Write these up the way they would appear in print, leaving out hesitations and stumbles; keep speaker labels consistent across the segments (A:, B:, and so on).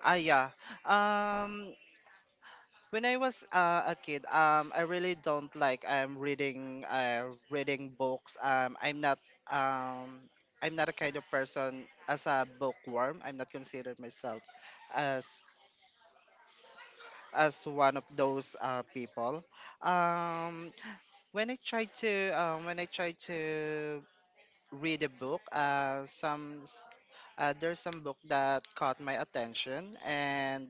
A: Ah, yeah. Um, When I was a kid, I really don't like reading reading books. Um I'm not a kind of person as a bookworm. I'm not considered myself as as one of those people. Um, when I try to read a book, there's some book that caught my attention and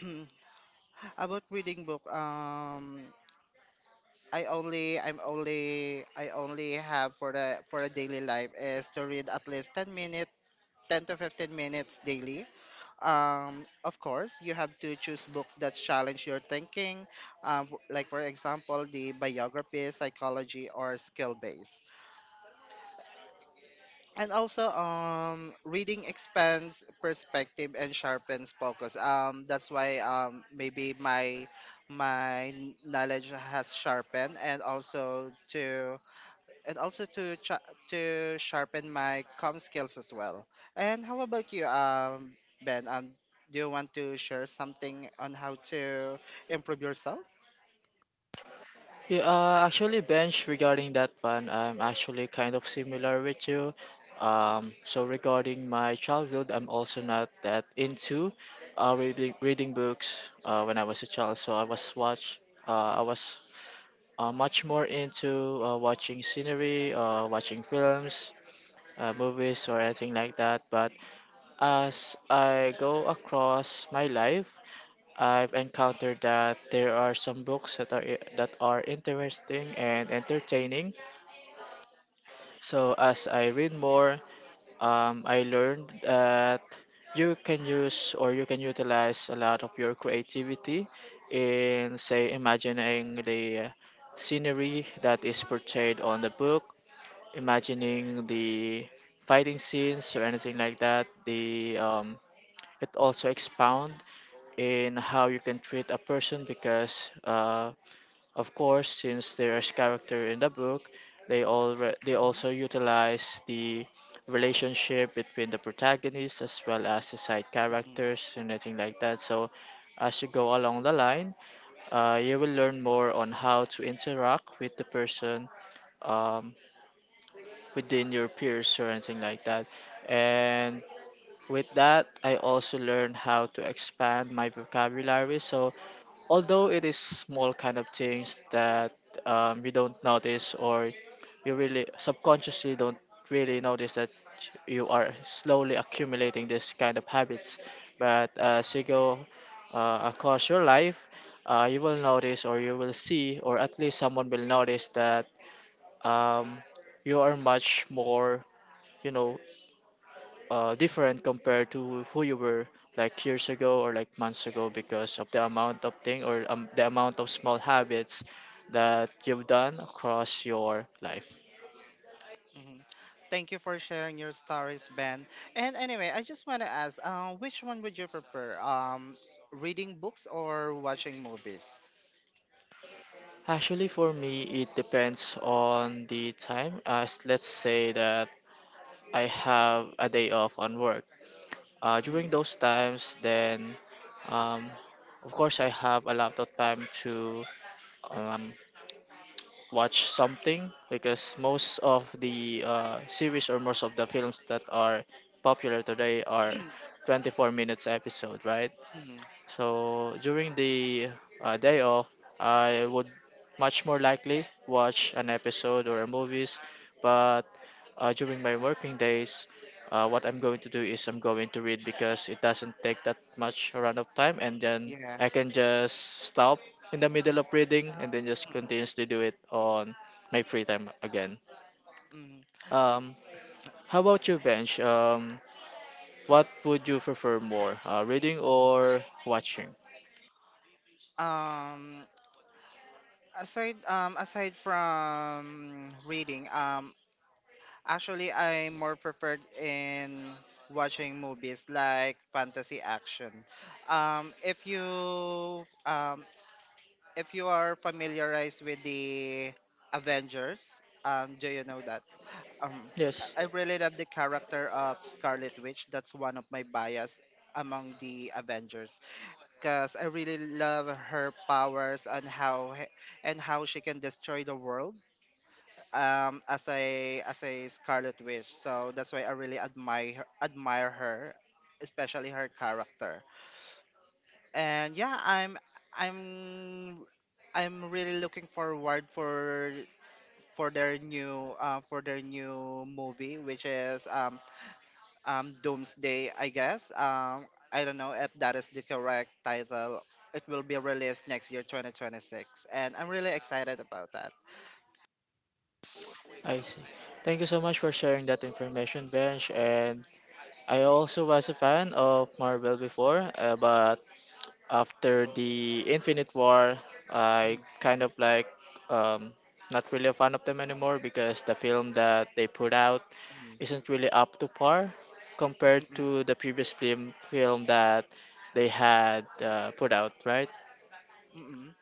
A: about reading book. I only have for the for a daily life is to read at least 10 to 15 minutes daily. Of course, you have to choose books that challenge your thinking, like for example, the biography, psychology, or skill base. And also, reading expands perspective and sharpens focus. That's why maybe my knowledge has sharpened, and also and also to cha to sharpen my com skills as well. And how about you, Ben? Do you want to share something on how to improve yourself?
B: Yeah, actually, Bench, regarding that one, I'm actually kind of similar with you. So regarding my childhood, I'm also not that into reading books when I was a child. So uh, I was much more into watching scenery, watching films, movies, or anything like that. But as I go across my life, I've encountered that there are some books that are interesting and entertaining. So as I read more, I learned that you can use or you can utilize a lot of your creativity in say imagining the scenery that is portrayed on the book, imagining the fighting scenes or anything like that. The It also expound in how you can treat a person because of course, since there is character in the book, they all they
A: Mhm,
B: also utilize the relationship between the protagonists as well as the side
A: mhm,
B: characters and anything like that. So, as you go along the line, you will learn more on how to interact with the person um, within your peers or anything like that. And with that, I also learned how to expand my vocabulary. So although it is small kind of things that you don't notice or you really subconsciously don't really notice that you are slowly accumulating this kind of habits, but as you go across your life you will notice or you will see or at least someone will notice that um, you are much more you know different compared to who you were like years ago or like months ago because of the amount of thing or the amount of small habits that you've done across your life.
A: mhm. Thank you for sharing your stories, Ben. And anyway, I just want to ask, which one would you prefer? Reading books or watching movies?
B: Actually, for me, it depends on the time. As let's say that I have a day off on work.
A: hmm
B: During those times, then um, of course I have a lot of time to um, watch something because most of the series or most of the films that are popular today are 24 minutes episode, right?
A: hmm
B: So during the day off I would much more likely watch an episode or a movies, but during my working days, what I'm going to do is I'm going to read because it doesn't take that much run of time, and then
A: Yeah.
B: I can just stop in the middle of reading and then just continuously do it on my free time again.
A: hmm
B: Um, how about you, Bench? What would you prefer more, reading or watching?
A: Um, aside from reading, actually, I'm more preferred in watching movies like fantasy action. Um, if you um, if you are familiarized with the Avengers, do you know that? Um,
B: Yes,
A: I really love the character of Scarlet Witch. That's one of my bias among the Avengers because I really love her powers and how she can destroy the world as a Scarlet Witch. So that's why I really admire her, especially her character. And yeah, I'm I'm really looking forward for for their new movie, which is Doomsday, I guess. I don't know if that is the correct title. It will be released next year, 2026, and I'm really excited about that.
B: I see. Thank you so much for sharing that information, Bench. And I also was a fan of Marvel before, but after the Infinite War, I kind of like um, not really a fan of them anymore because the film that they put out
A: Mhm,
B: isn't really up to par compared
A: mhm, mhm,
B: to the previous film that they had put out, right?
A: mhm,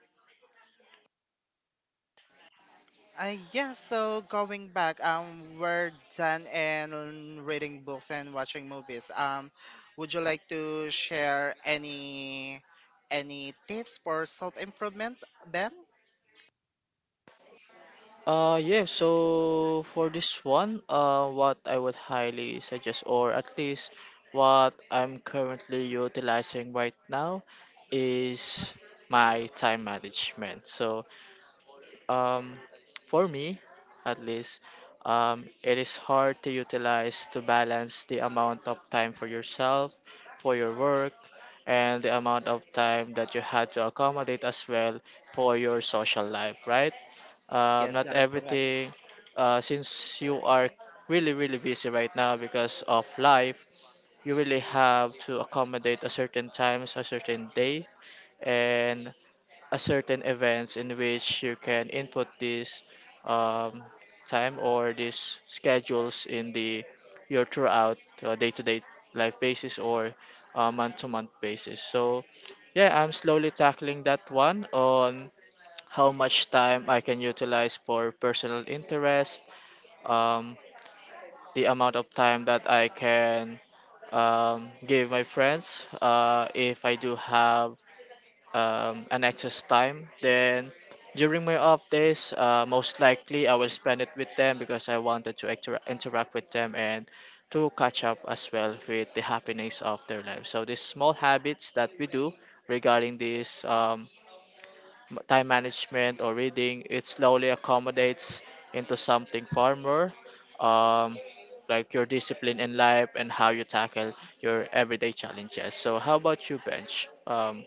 A: Yeah, so going back, we're done and reading books and watching movies. Would you like to share any tips for self improvement, Ben?
B: Yeah, so for this one, what I would highly suggest, or at least what I'm currently utilizing right now, is my time management. Um, for me, at least, it is hard to utilize to balance the amount of time for yourself, for your work, and the amount of time that you had to accommodate as well for your social life, right?
A: Yes,
B: Not
A: that is correct.
B: everything, since you are really, really busy right now because of life, you really have to accommodate a certain times, a certain day, and a certain events in which you can input this um, time or these schedules in the your throughout day-to-day life basis or month-to-month basis. So yeah, I'm slowly tackling that one on how much time I can utilize for personal interest, um, the amount of time that I can give my friends if I do have an excess time. Then during my off days, most likely I will spend it with them because I wanted to interact with them and to catch up as well with the happiness of their life. So these small habits that we do regarding this time management or reading, it slowly accommodates into something far more. Um, like your discipline in life and how you tackle your everyday challenges. So, how about you, Bench?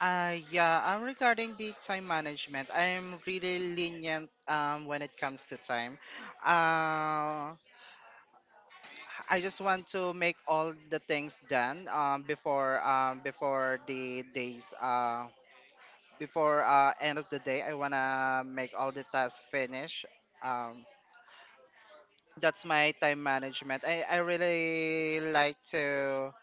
A: Yeah, regarding the time management, I'm really lenient when it comes to time. Uh, I just want to make all the things done before the days before end of the day I want to make all the tasks finish um, that's my time management. I really like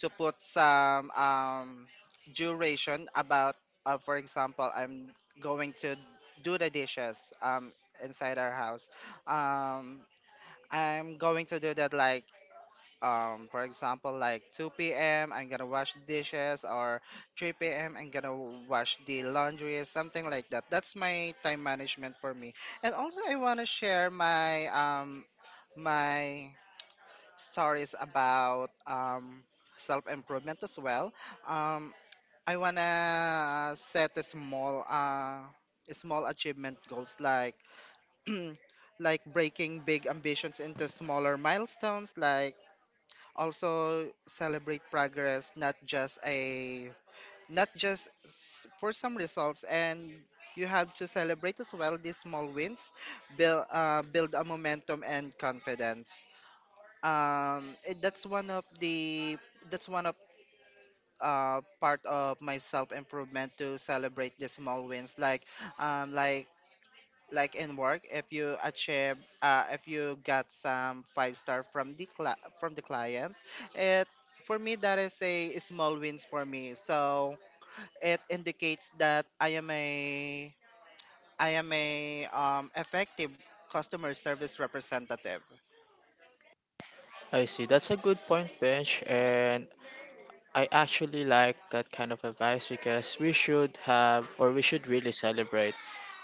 A: to put some duration about for example I'm going to do the dishes inside our house um, I'm going to do that like for example like 2 p.m I'm gonna wash dishes or 3 p.m I'm gonna wash the laundry something like that that's my time management for me and also I want to share my stories about self-improvement as well um I want to set a small small achievement goals like like breaking big ambitions into smaller milestones like also celebrate progress not just for some results and you have to celebrate as well these small wins build a momentum and confidence it, that's one of part of my self improvement to celebrate the small wins um like like in work if you achieve if you got some five-star from the from the client it for me that is a small wins for me so it indicates that I am a effective customer service representative.
B: I see. That's a good point, Bench. And I actually like that kind of advice because we should have or we should really celebrate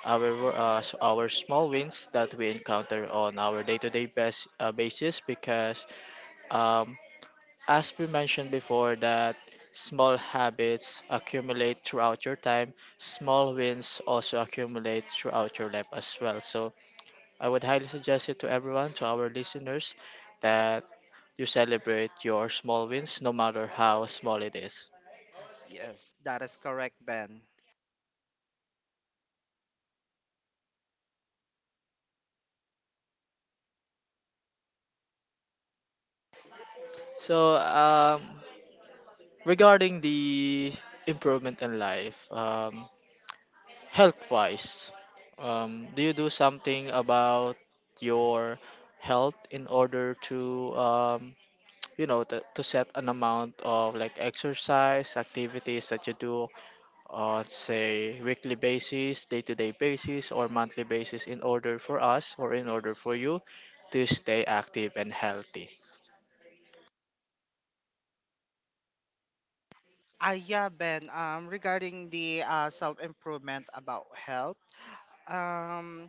B: our small wins that we encounter on our day-to-day basis because um, as we mentioned before that small habits accumulate throughout your time, small wins also accumulate throughout your life as well. So I would highly suggest it to everyone, to our listeners, that you celebrate your small wins, no matter how small it is.
A: Yes, that is correct, Ben.
B: So, regarding the improvement in life, health-wise, do you do something about your health in order to, you know, to set an amount of like exercise activities that you do say weekly basis, day to day basis, or monthly basis in order for us or in order for you to stay active and healthy.
A: Ah, yeah, Ben, um, regarding the self-improvement about health um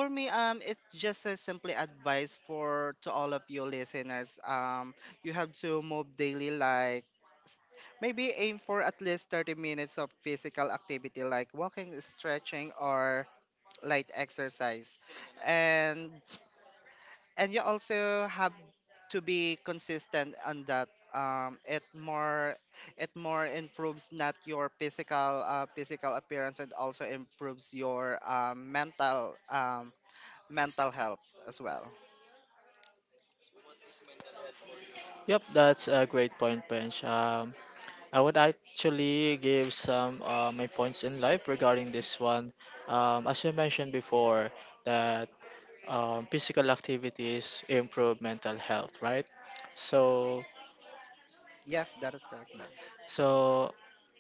A: for me, it's just a simply advice for to all of you listeners. You have to move daily, s- maybe aim for at least 30 minutes of physical activity, like walking, stretching, or light exercise, and and you also have to be consistent on that. It more improves not your physical physical appearance and also improves your mental mental health as well.
B: Yep, that's a great point, Bench. I would actually give some my points in life regarding this one. As you mentioned before, that physical activities improve mental health, right? So,
A: Yes, that is correct, Ben.
B: so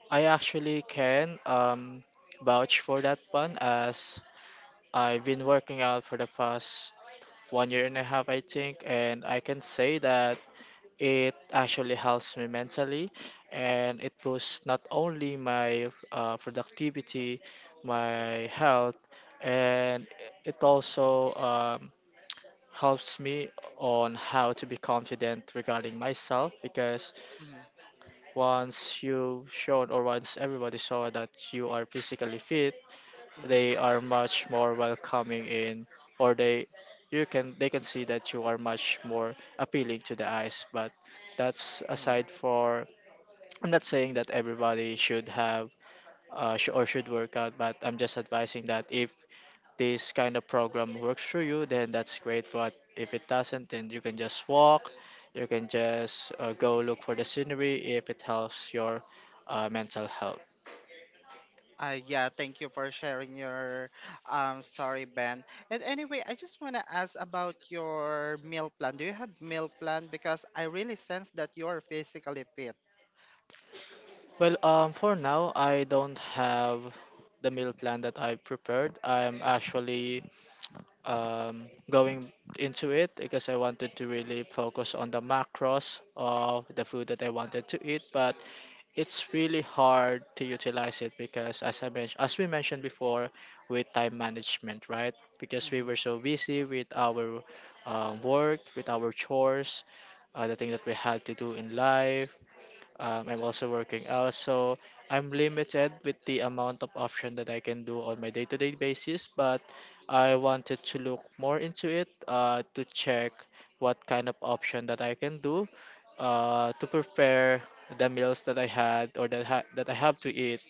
B: I actually can vouch for that one, as I've been working out for the past 1 year and a half, I think, and I can say that it actually helps me mentally, and it boosts not only my productivity, my health, and it also helps me on how to be confident regarding myself, because
A: Mhm,
B: once you showed or once everybody saw that you are physically fit,
A: mhm,
B: they are much more welcoming in, or they, you can, they can see that you are much more appealing to the eyes. But that's
A: mhm.
B: aside for, I'm not saying that everybody should have or should work out, but I'm just advising that if this kind of program works for you then that's great, but if it doesn't then you can just walk, you can just go look for the scenery if it helps your mental health.
A: Yeah, thank you for sharing your story, Ben. And anyway, I just want to ask about your meal plan. Do you have meal plan? Because I really sense that you're physically fit.
B: Well, for now, I don't have the meal plan that I prepared. I'm actually going into it because I wanted to really focus on the macros of the food that I wanted to eat, but it's really hard to utilize it because, as I mentioned, as we mentioned before, with time management, right? Because we were
A: Mhm.
B: so busy with our work, with our chores, the thing that we had to do in life, I'm also working out, so I'm limited with the amount of option that I can do on my day-to-day basis. But I wanted to look more into it to check what kind of option that I can do to prepare the meals that I had or that I have to eat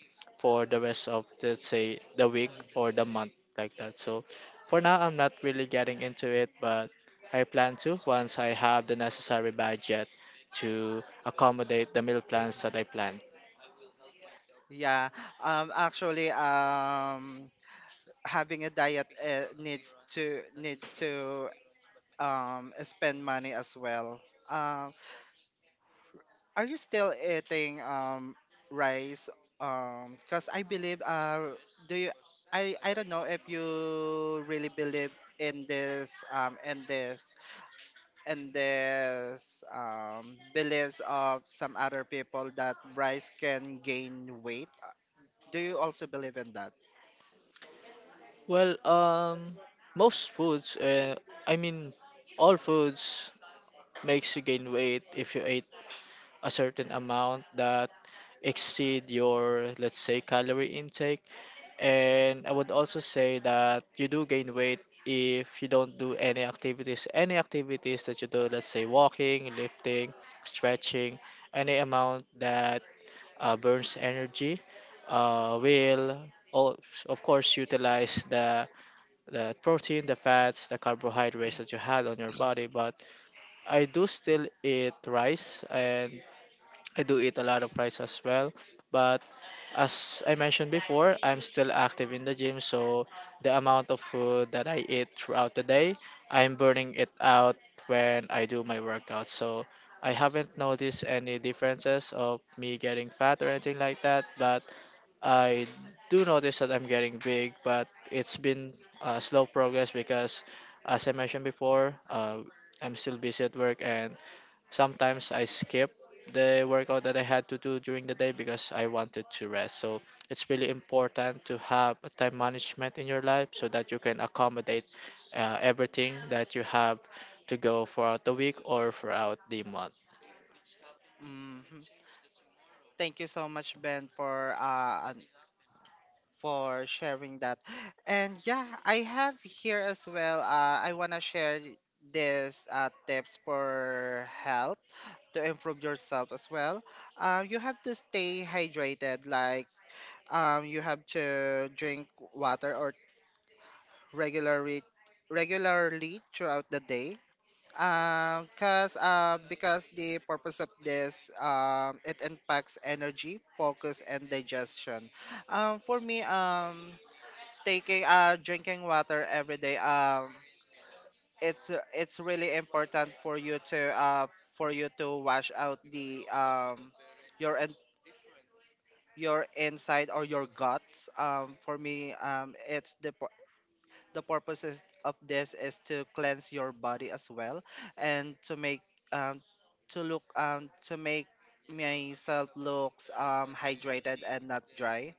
B: for the rest of, let's say, the week or the month like that. So for now, I'm not really getting into it, but I plan to once I have the necessary budget to accommodate the meal plans that I plan.
A: Yeah, actually, having a diet needs to spend money as well. Um, Are you still eating rice? Cause I believe do you I don't know if you really believe in this um in this in this beliefs of some other people that rice can gain weight. Do you also believe in that?
B: Well, most foods, I mean, all foods makes you gain weight if you ate a certain amount that exceed your, let's say, calorie intake. And I would also say that you do gain weight if you don't do any activities. Any activities that you do, let's say walking, lifting, stretching, any amount that burns energy, will al- of course utilize the protein, the fats, the carbohydrates that you had on your body. But I do still eat rice, and I do eat a lot of rice as well, but as I mentioned before, I'm still active in the gym, so the amount of food that I eat throughout the day, I'm burning it out when I do my workout. So I haven't noticed any differences of me getting fat or anything like that, but I do notice that I'm getting big, but it's been slow progress because, as I mentioned before, I'm still busy at work, and sometimes I skip the workout that I had to do during the day because I wanted to rest. So it's really important to have a time management in your life so that you can accommodate everything that you have to go throughout the week or throughout the month.
A: hmm Thank you so much, Ben, for an for sharing that. And yeah, I have here as well. I wanna share this tips for help to improve yourself as well. You have to stay hydrated. Like you have to drink water or regularly regularly throughout the day. Cause because the purpose of this it impacts energy, focus, and digestion. For me taking drinking water every day it's really important for you to wash out the your in- your inside or your guts for me the purposes of this is to cleanse your body as well and um to look to make myself looks hydrated and not dry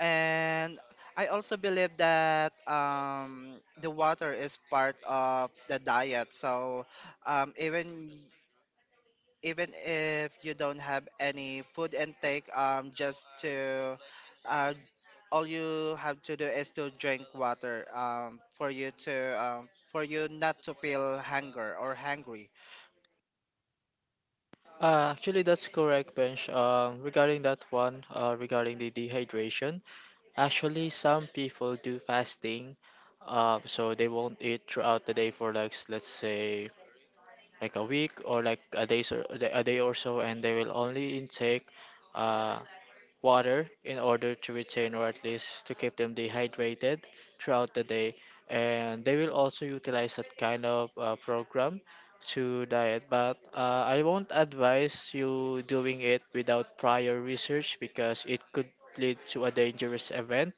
A: and I also believe that the water is part of the diet. So even even if you don't have any food intake, just to uh, all you have to do is to drink water for you to for you not to feel hunger or hungry.
B: Actually, that's correct, Bench. Regarding that one, regarding the dehydration, actually, some people do fasting, so they won't eat throughout the day for like, let's say, like a week or like a day or so, and they will only intake uh, water in order to retain or at least to keep them dehydrated throughout the day. And they will also utilize that kind of program to diet. But I won't advise you doing it without prior research because it could lead to a dangerous event.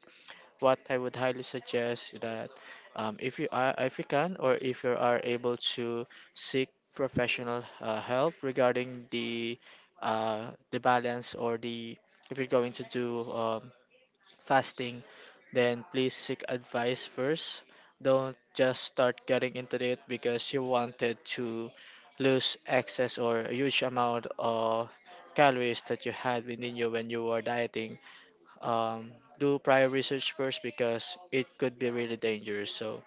B: What I would highly suggest that if you are, if you can, or if you are able to seek professional help regarding the balance or the if you're going to do fasting, then please seek advice first. Don't just start getting into it because you wanted to lose excess or a huge amount of calories that you had within you when you were dieting. um, do prior research first because it could be really dangerous. So,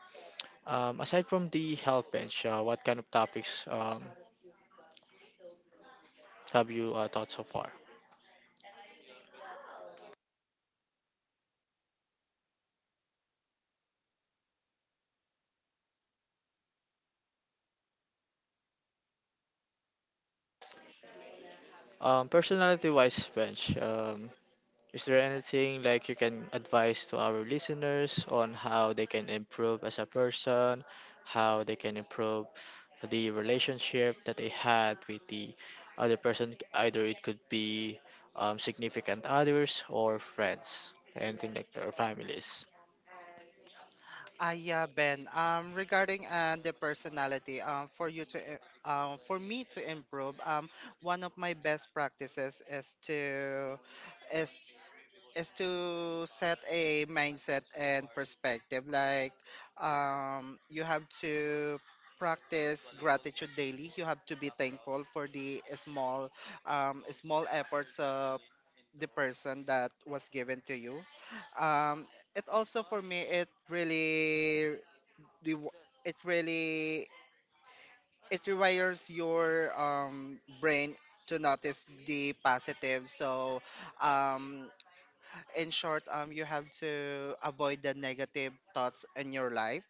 B: aside from the health bench, what kind of topics have you thought so far? Personality wise, bench. Is there anything like you can advise to our listeners on how they can improve as a person, how they can improve the relationship that they had with the other person? Either it could be significant others or friends, anything like that, or families.
A: Ah, yeah, Ben. Regarding the personality, for me to improve, one of my best practices is, is to set a mindset and perspective. Like, you have to practice gratitude daily. You have to be thankful for the small, small efforts of the person that was given to you. Um, it also for me it really rew- it really it rewires your brain to notice the positive so um in short you have to avoid the negative thoughts in your life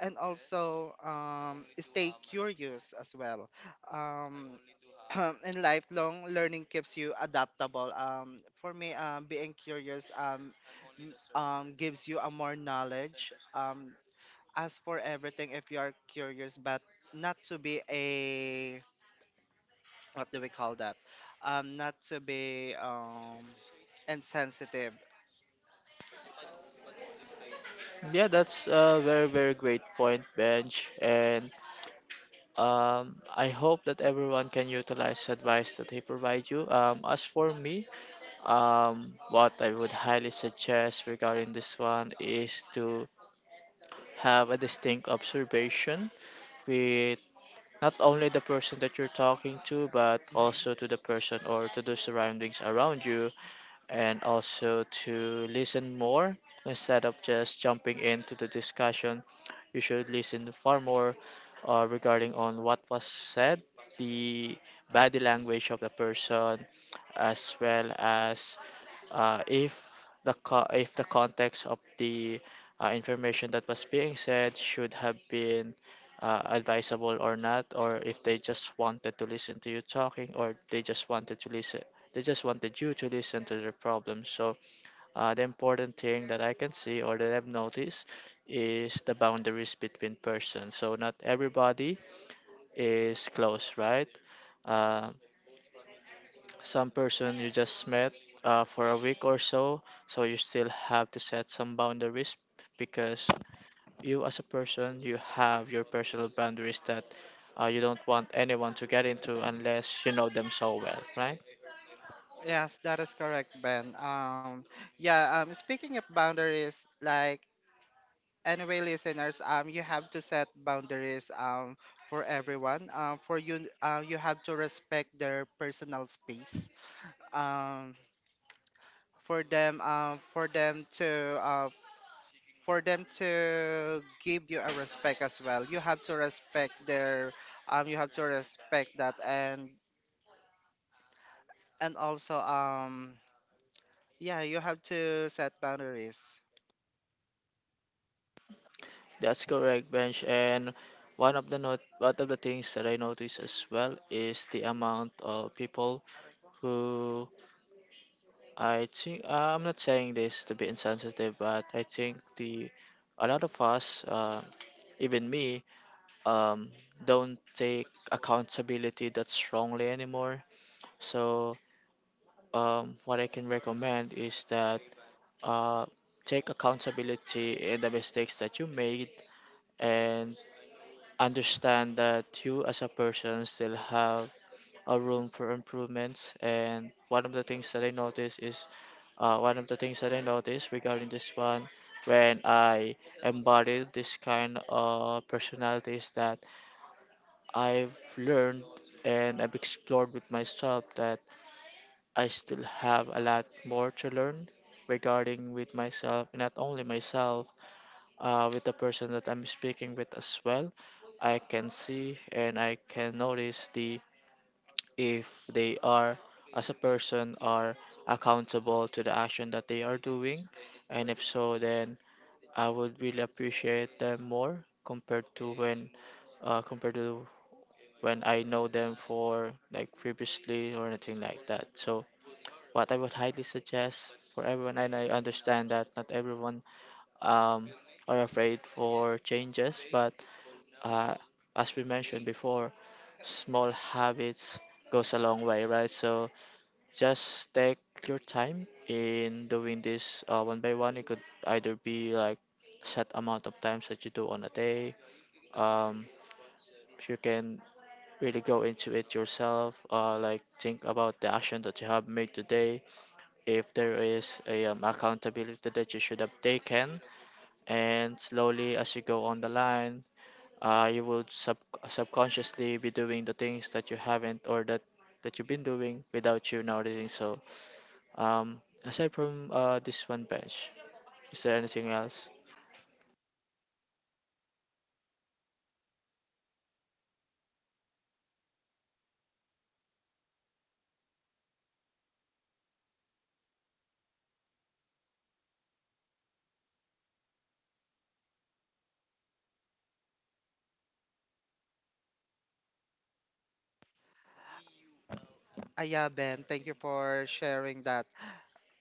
A: and also stay curious as well um in lifelong learning keeps you adaptable for me being curious gives you a more knowledge ask for everything if you are curious, but not to be a what do we call that? Not to be insensitive.
B: Yeah, that's a very, very great point, Benj. And I hope that everyone can utilize advice that they provide you. As for me, what I would highly suggest regarding this one is to have a distinct observation with not only the person that you're talking to, but
A: Mhm.
B: also to the person or to the surroundings around you, and also to listen more instead of just jumping into the discussion. You should listen far more regarding on what was said, the body language of the person, as well as if if the context of the information that was being said should have been advisable or not, or if they just wanted to listen to you talking, or they just wanted you to listen to their problems. So, the important thing that I can see or that I've noticed is the boundaries between persons. So, not everybody is close, right? Uh, some person you just met for a week or so, so you still have to set some boundaries because you, as a person, you have your personal boundaries that you don't want anyone to get into unless you know them so well, right?
A: Yes, that is correct, Ben. Yeah. Speaking of boundaries, like anyway, listeners, you have to set boundaries. For everyone. For you, you have to respect their personal space. Um, for them, uh, for them to give you a respect as well you have to respect their you have to respect that and also yeah you have to set boundaries.
B: That's correct, Bench. And one of the not one of the things that I notice as well is the amount of people who, I think, I'm not saying this to be insensitive, but I think the a lot of us, even me, um, don't take accountability that strongly anymore. So what I can recommend is that uh, take accountability in the mistakes that you made and understand that you as a person still have a room for improvements, and one of the things that I notice is one of the things that I noticed regarding this one when I embodied this kind of personality is that I've learned and I've explored with myself that I still have a lot more to learn regarding with myself, not only myself with the person that I'm speaking with as well. I can see and I can notice the if they are as a person are accountable to the action that they are doing, and if so, then I would really appreciate them more compared to when I know them for like previously or anything like that. So what I would highly suggest for everyone, and I understand that not everyone um, are afraid for changes, but uh, as we mentioned before, small habits goes a long way, right? So just take your time in doing this one by one. It could either be like set amount of times that you do on a day. Um, you can really go into it yourself, like think about the action that you have made today. If there is a accountability that you should have taken, and slowly as you go on the line, you will subconsciously be doing the things that you haven't or that you've been doing without you noticing. So aside from this one bench, is there anything else?
A: Ah, yeah, Ben, thank you for sharing that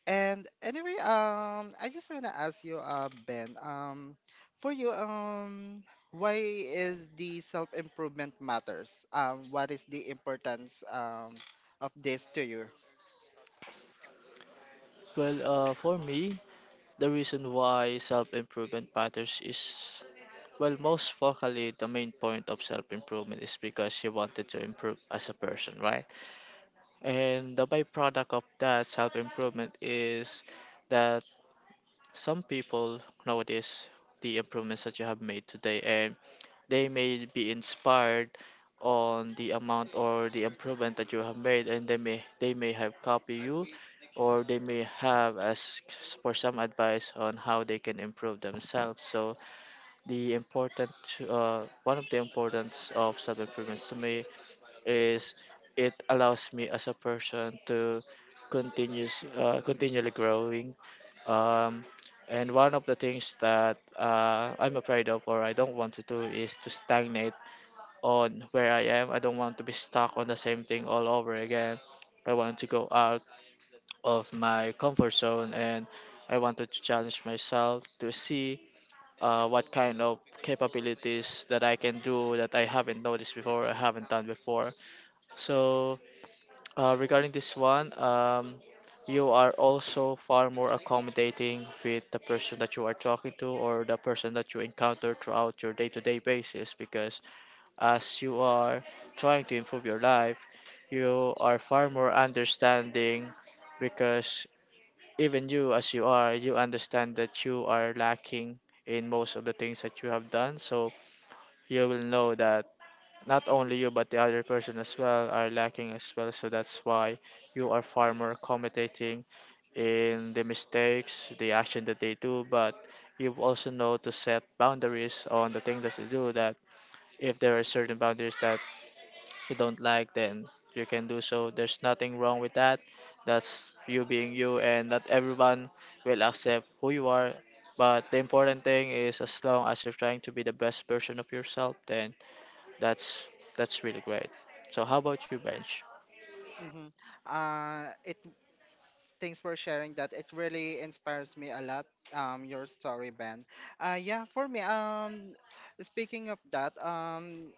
A: and anyway I just want to ask you Ben for you why is the self-improvement matters what is the importance of this to you.
B: Well, for me, the reason why self-improvement matters is, well, most focally the main point of self-improvement is because you wanted to improve as a person, right? And the byproduct of that self-improvement is that some people notice the improvements that you have made today, and they may be inspired on the amount or the improvement that you have made, and they may have copy you or they may have asked for some advice on how they can improve themselves. So the important one of the importance of self-improvements to me is it allows me as a person to continuous continually growing. um, and one of the things that I'm afraid of or I don't want to do is to stagnate on where I am. I don't want to be stuck on the same thing all over again. I want to go out of my comfort zone and I wanted to challenge myself to see what kind of capabilities that I can do that I haven't noticed before, I haven't done before. So regarding this one, you are also far more accommodating with the person that you are talking to or the person that you encounter throughout your day to day basis, because as you are trying to improve your life, you are far more understanding, because even you, as you are, you understand that you are lacking in most of the things that you have done. So you will know that not only you, but the other person as well are lacking as well. So that's why you are far more accommodating in the mistakes, the action that they do. But you also know to set boundaries on the thing that you do. That if there are certain boundaries that you don't like, then you can do so. There's nothing wrong with that. That's you being you, and not everyone will accept who you are. But the important thing is, as long as you're trying to be the best version of yourself, then that's that's really great. So how about you, Bench?
A: Hmm it Thanks for sharing that. It really inspires me a lot. Your story, Ben. Yeah, for me. Speaking of that,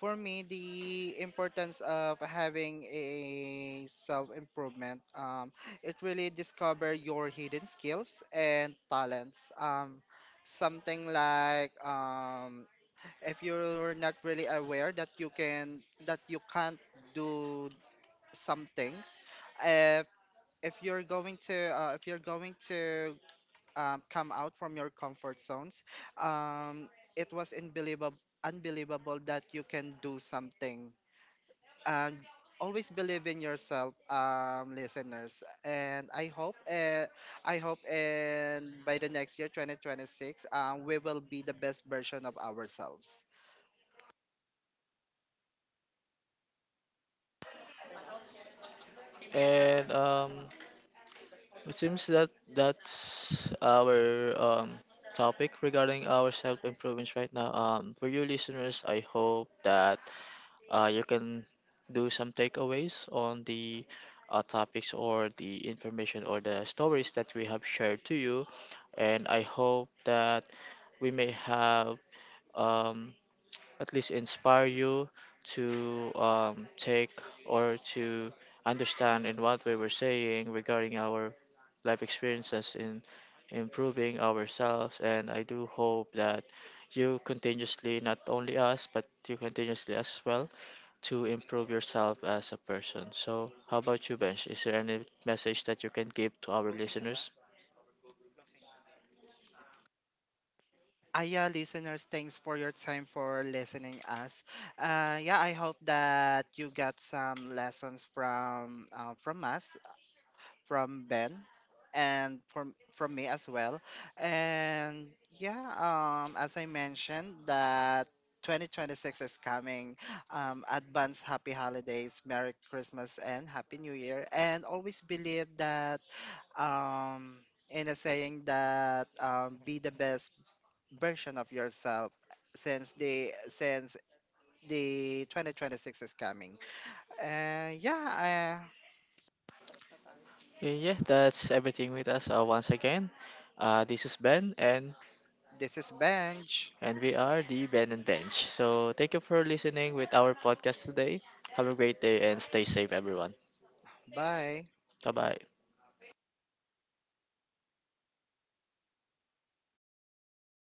A: for me, the importance of having a self improvement. It really discover your hidden skills and talents. Something like if you're not really aware that you can that you can't do some things if if you're going to come out from your comfort zones um, it was unbelievable that you can do something and always believe in yourself listeners and I hope I hope and by the next year 2026 we will be the best version of ourselves.
B: And it seems that that's our topic regarding our self improvements right now. For you listeners, I hope that you can do some takeaways on the topics or the information or the stories that we have shared to you. And I hope that we may have um, at least inspire you to take or to understand in what we were saying regarding our life experiences in improving ourselves. And I do hope that you continuously, not only us, but you continuously as well, to improve yourself as a person. So, how about you, Bench? Is there any message that you can give to our listeners?
A: Ah, yeah, listeners, thanks for your time for listening us. Yeah, I hope that you got some lessons from from Ben, and from me as well. And yeah, as I mentioned, that 2026 is coming. Advance happy holidays, Merry Christmas, and Happy New Year. And always believe that in a saying that be the best version of yourself since the 2026 is coming. Yeah,
B: Yeah, that's everything with us once again. This is Ben, and
A: this is Benj.
B: we are the Ben and Bench. So thank you for listening with our podcast today. Have a great day and stay safe, everyone.
A: Bye.
B: Bye bye.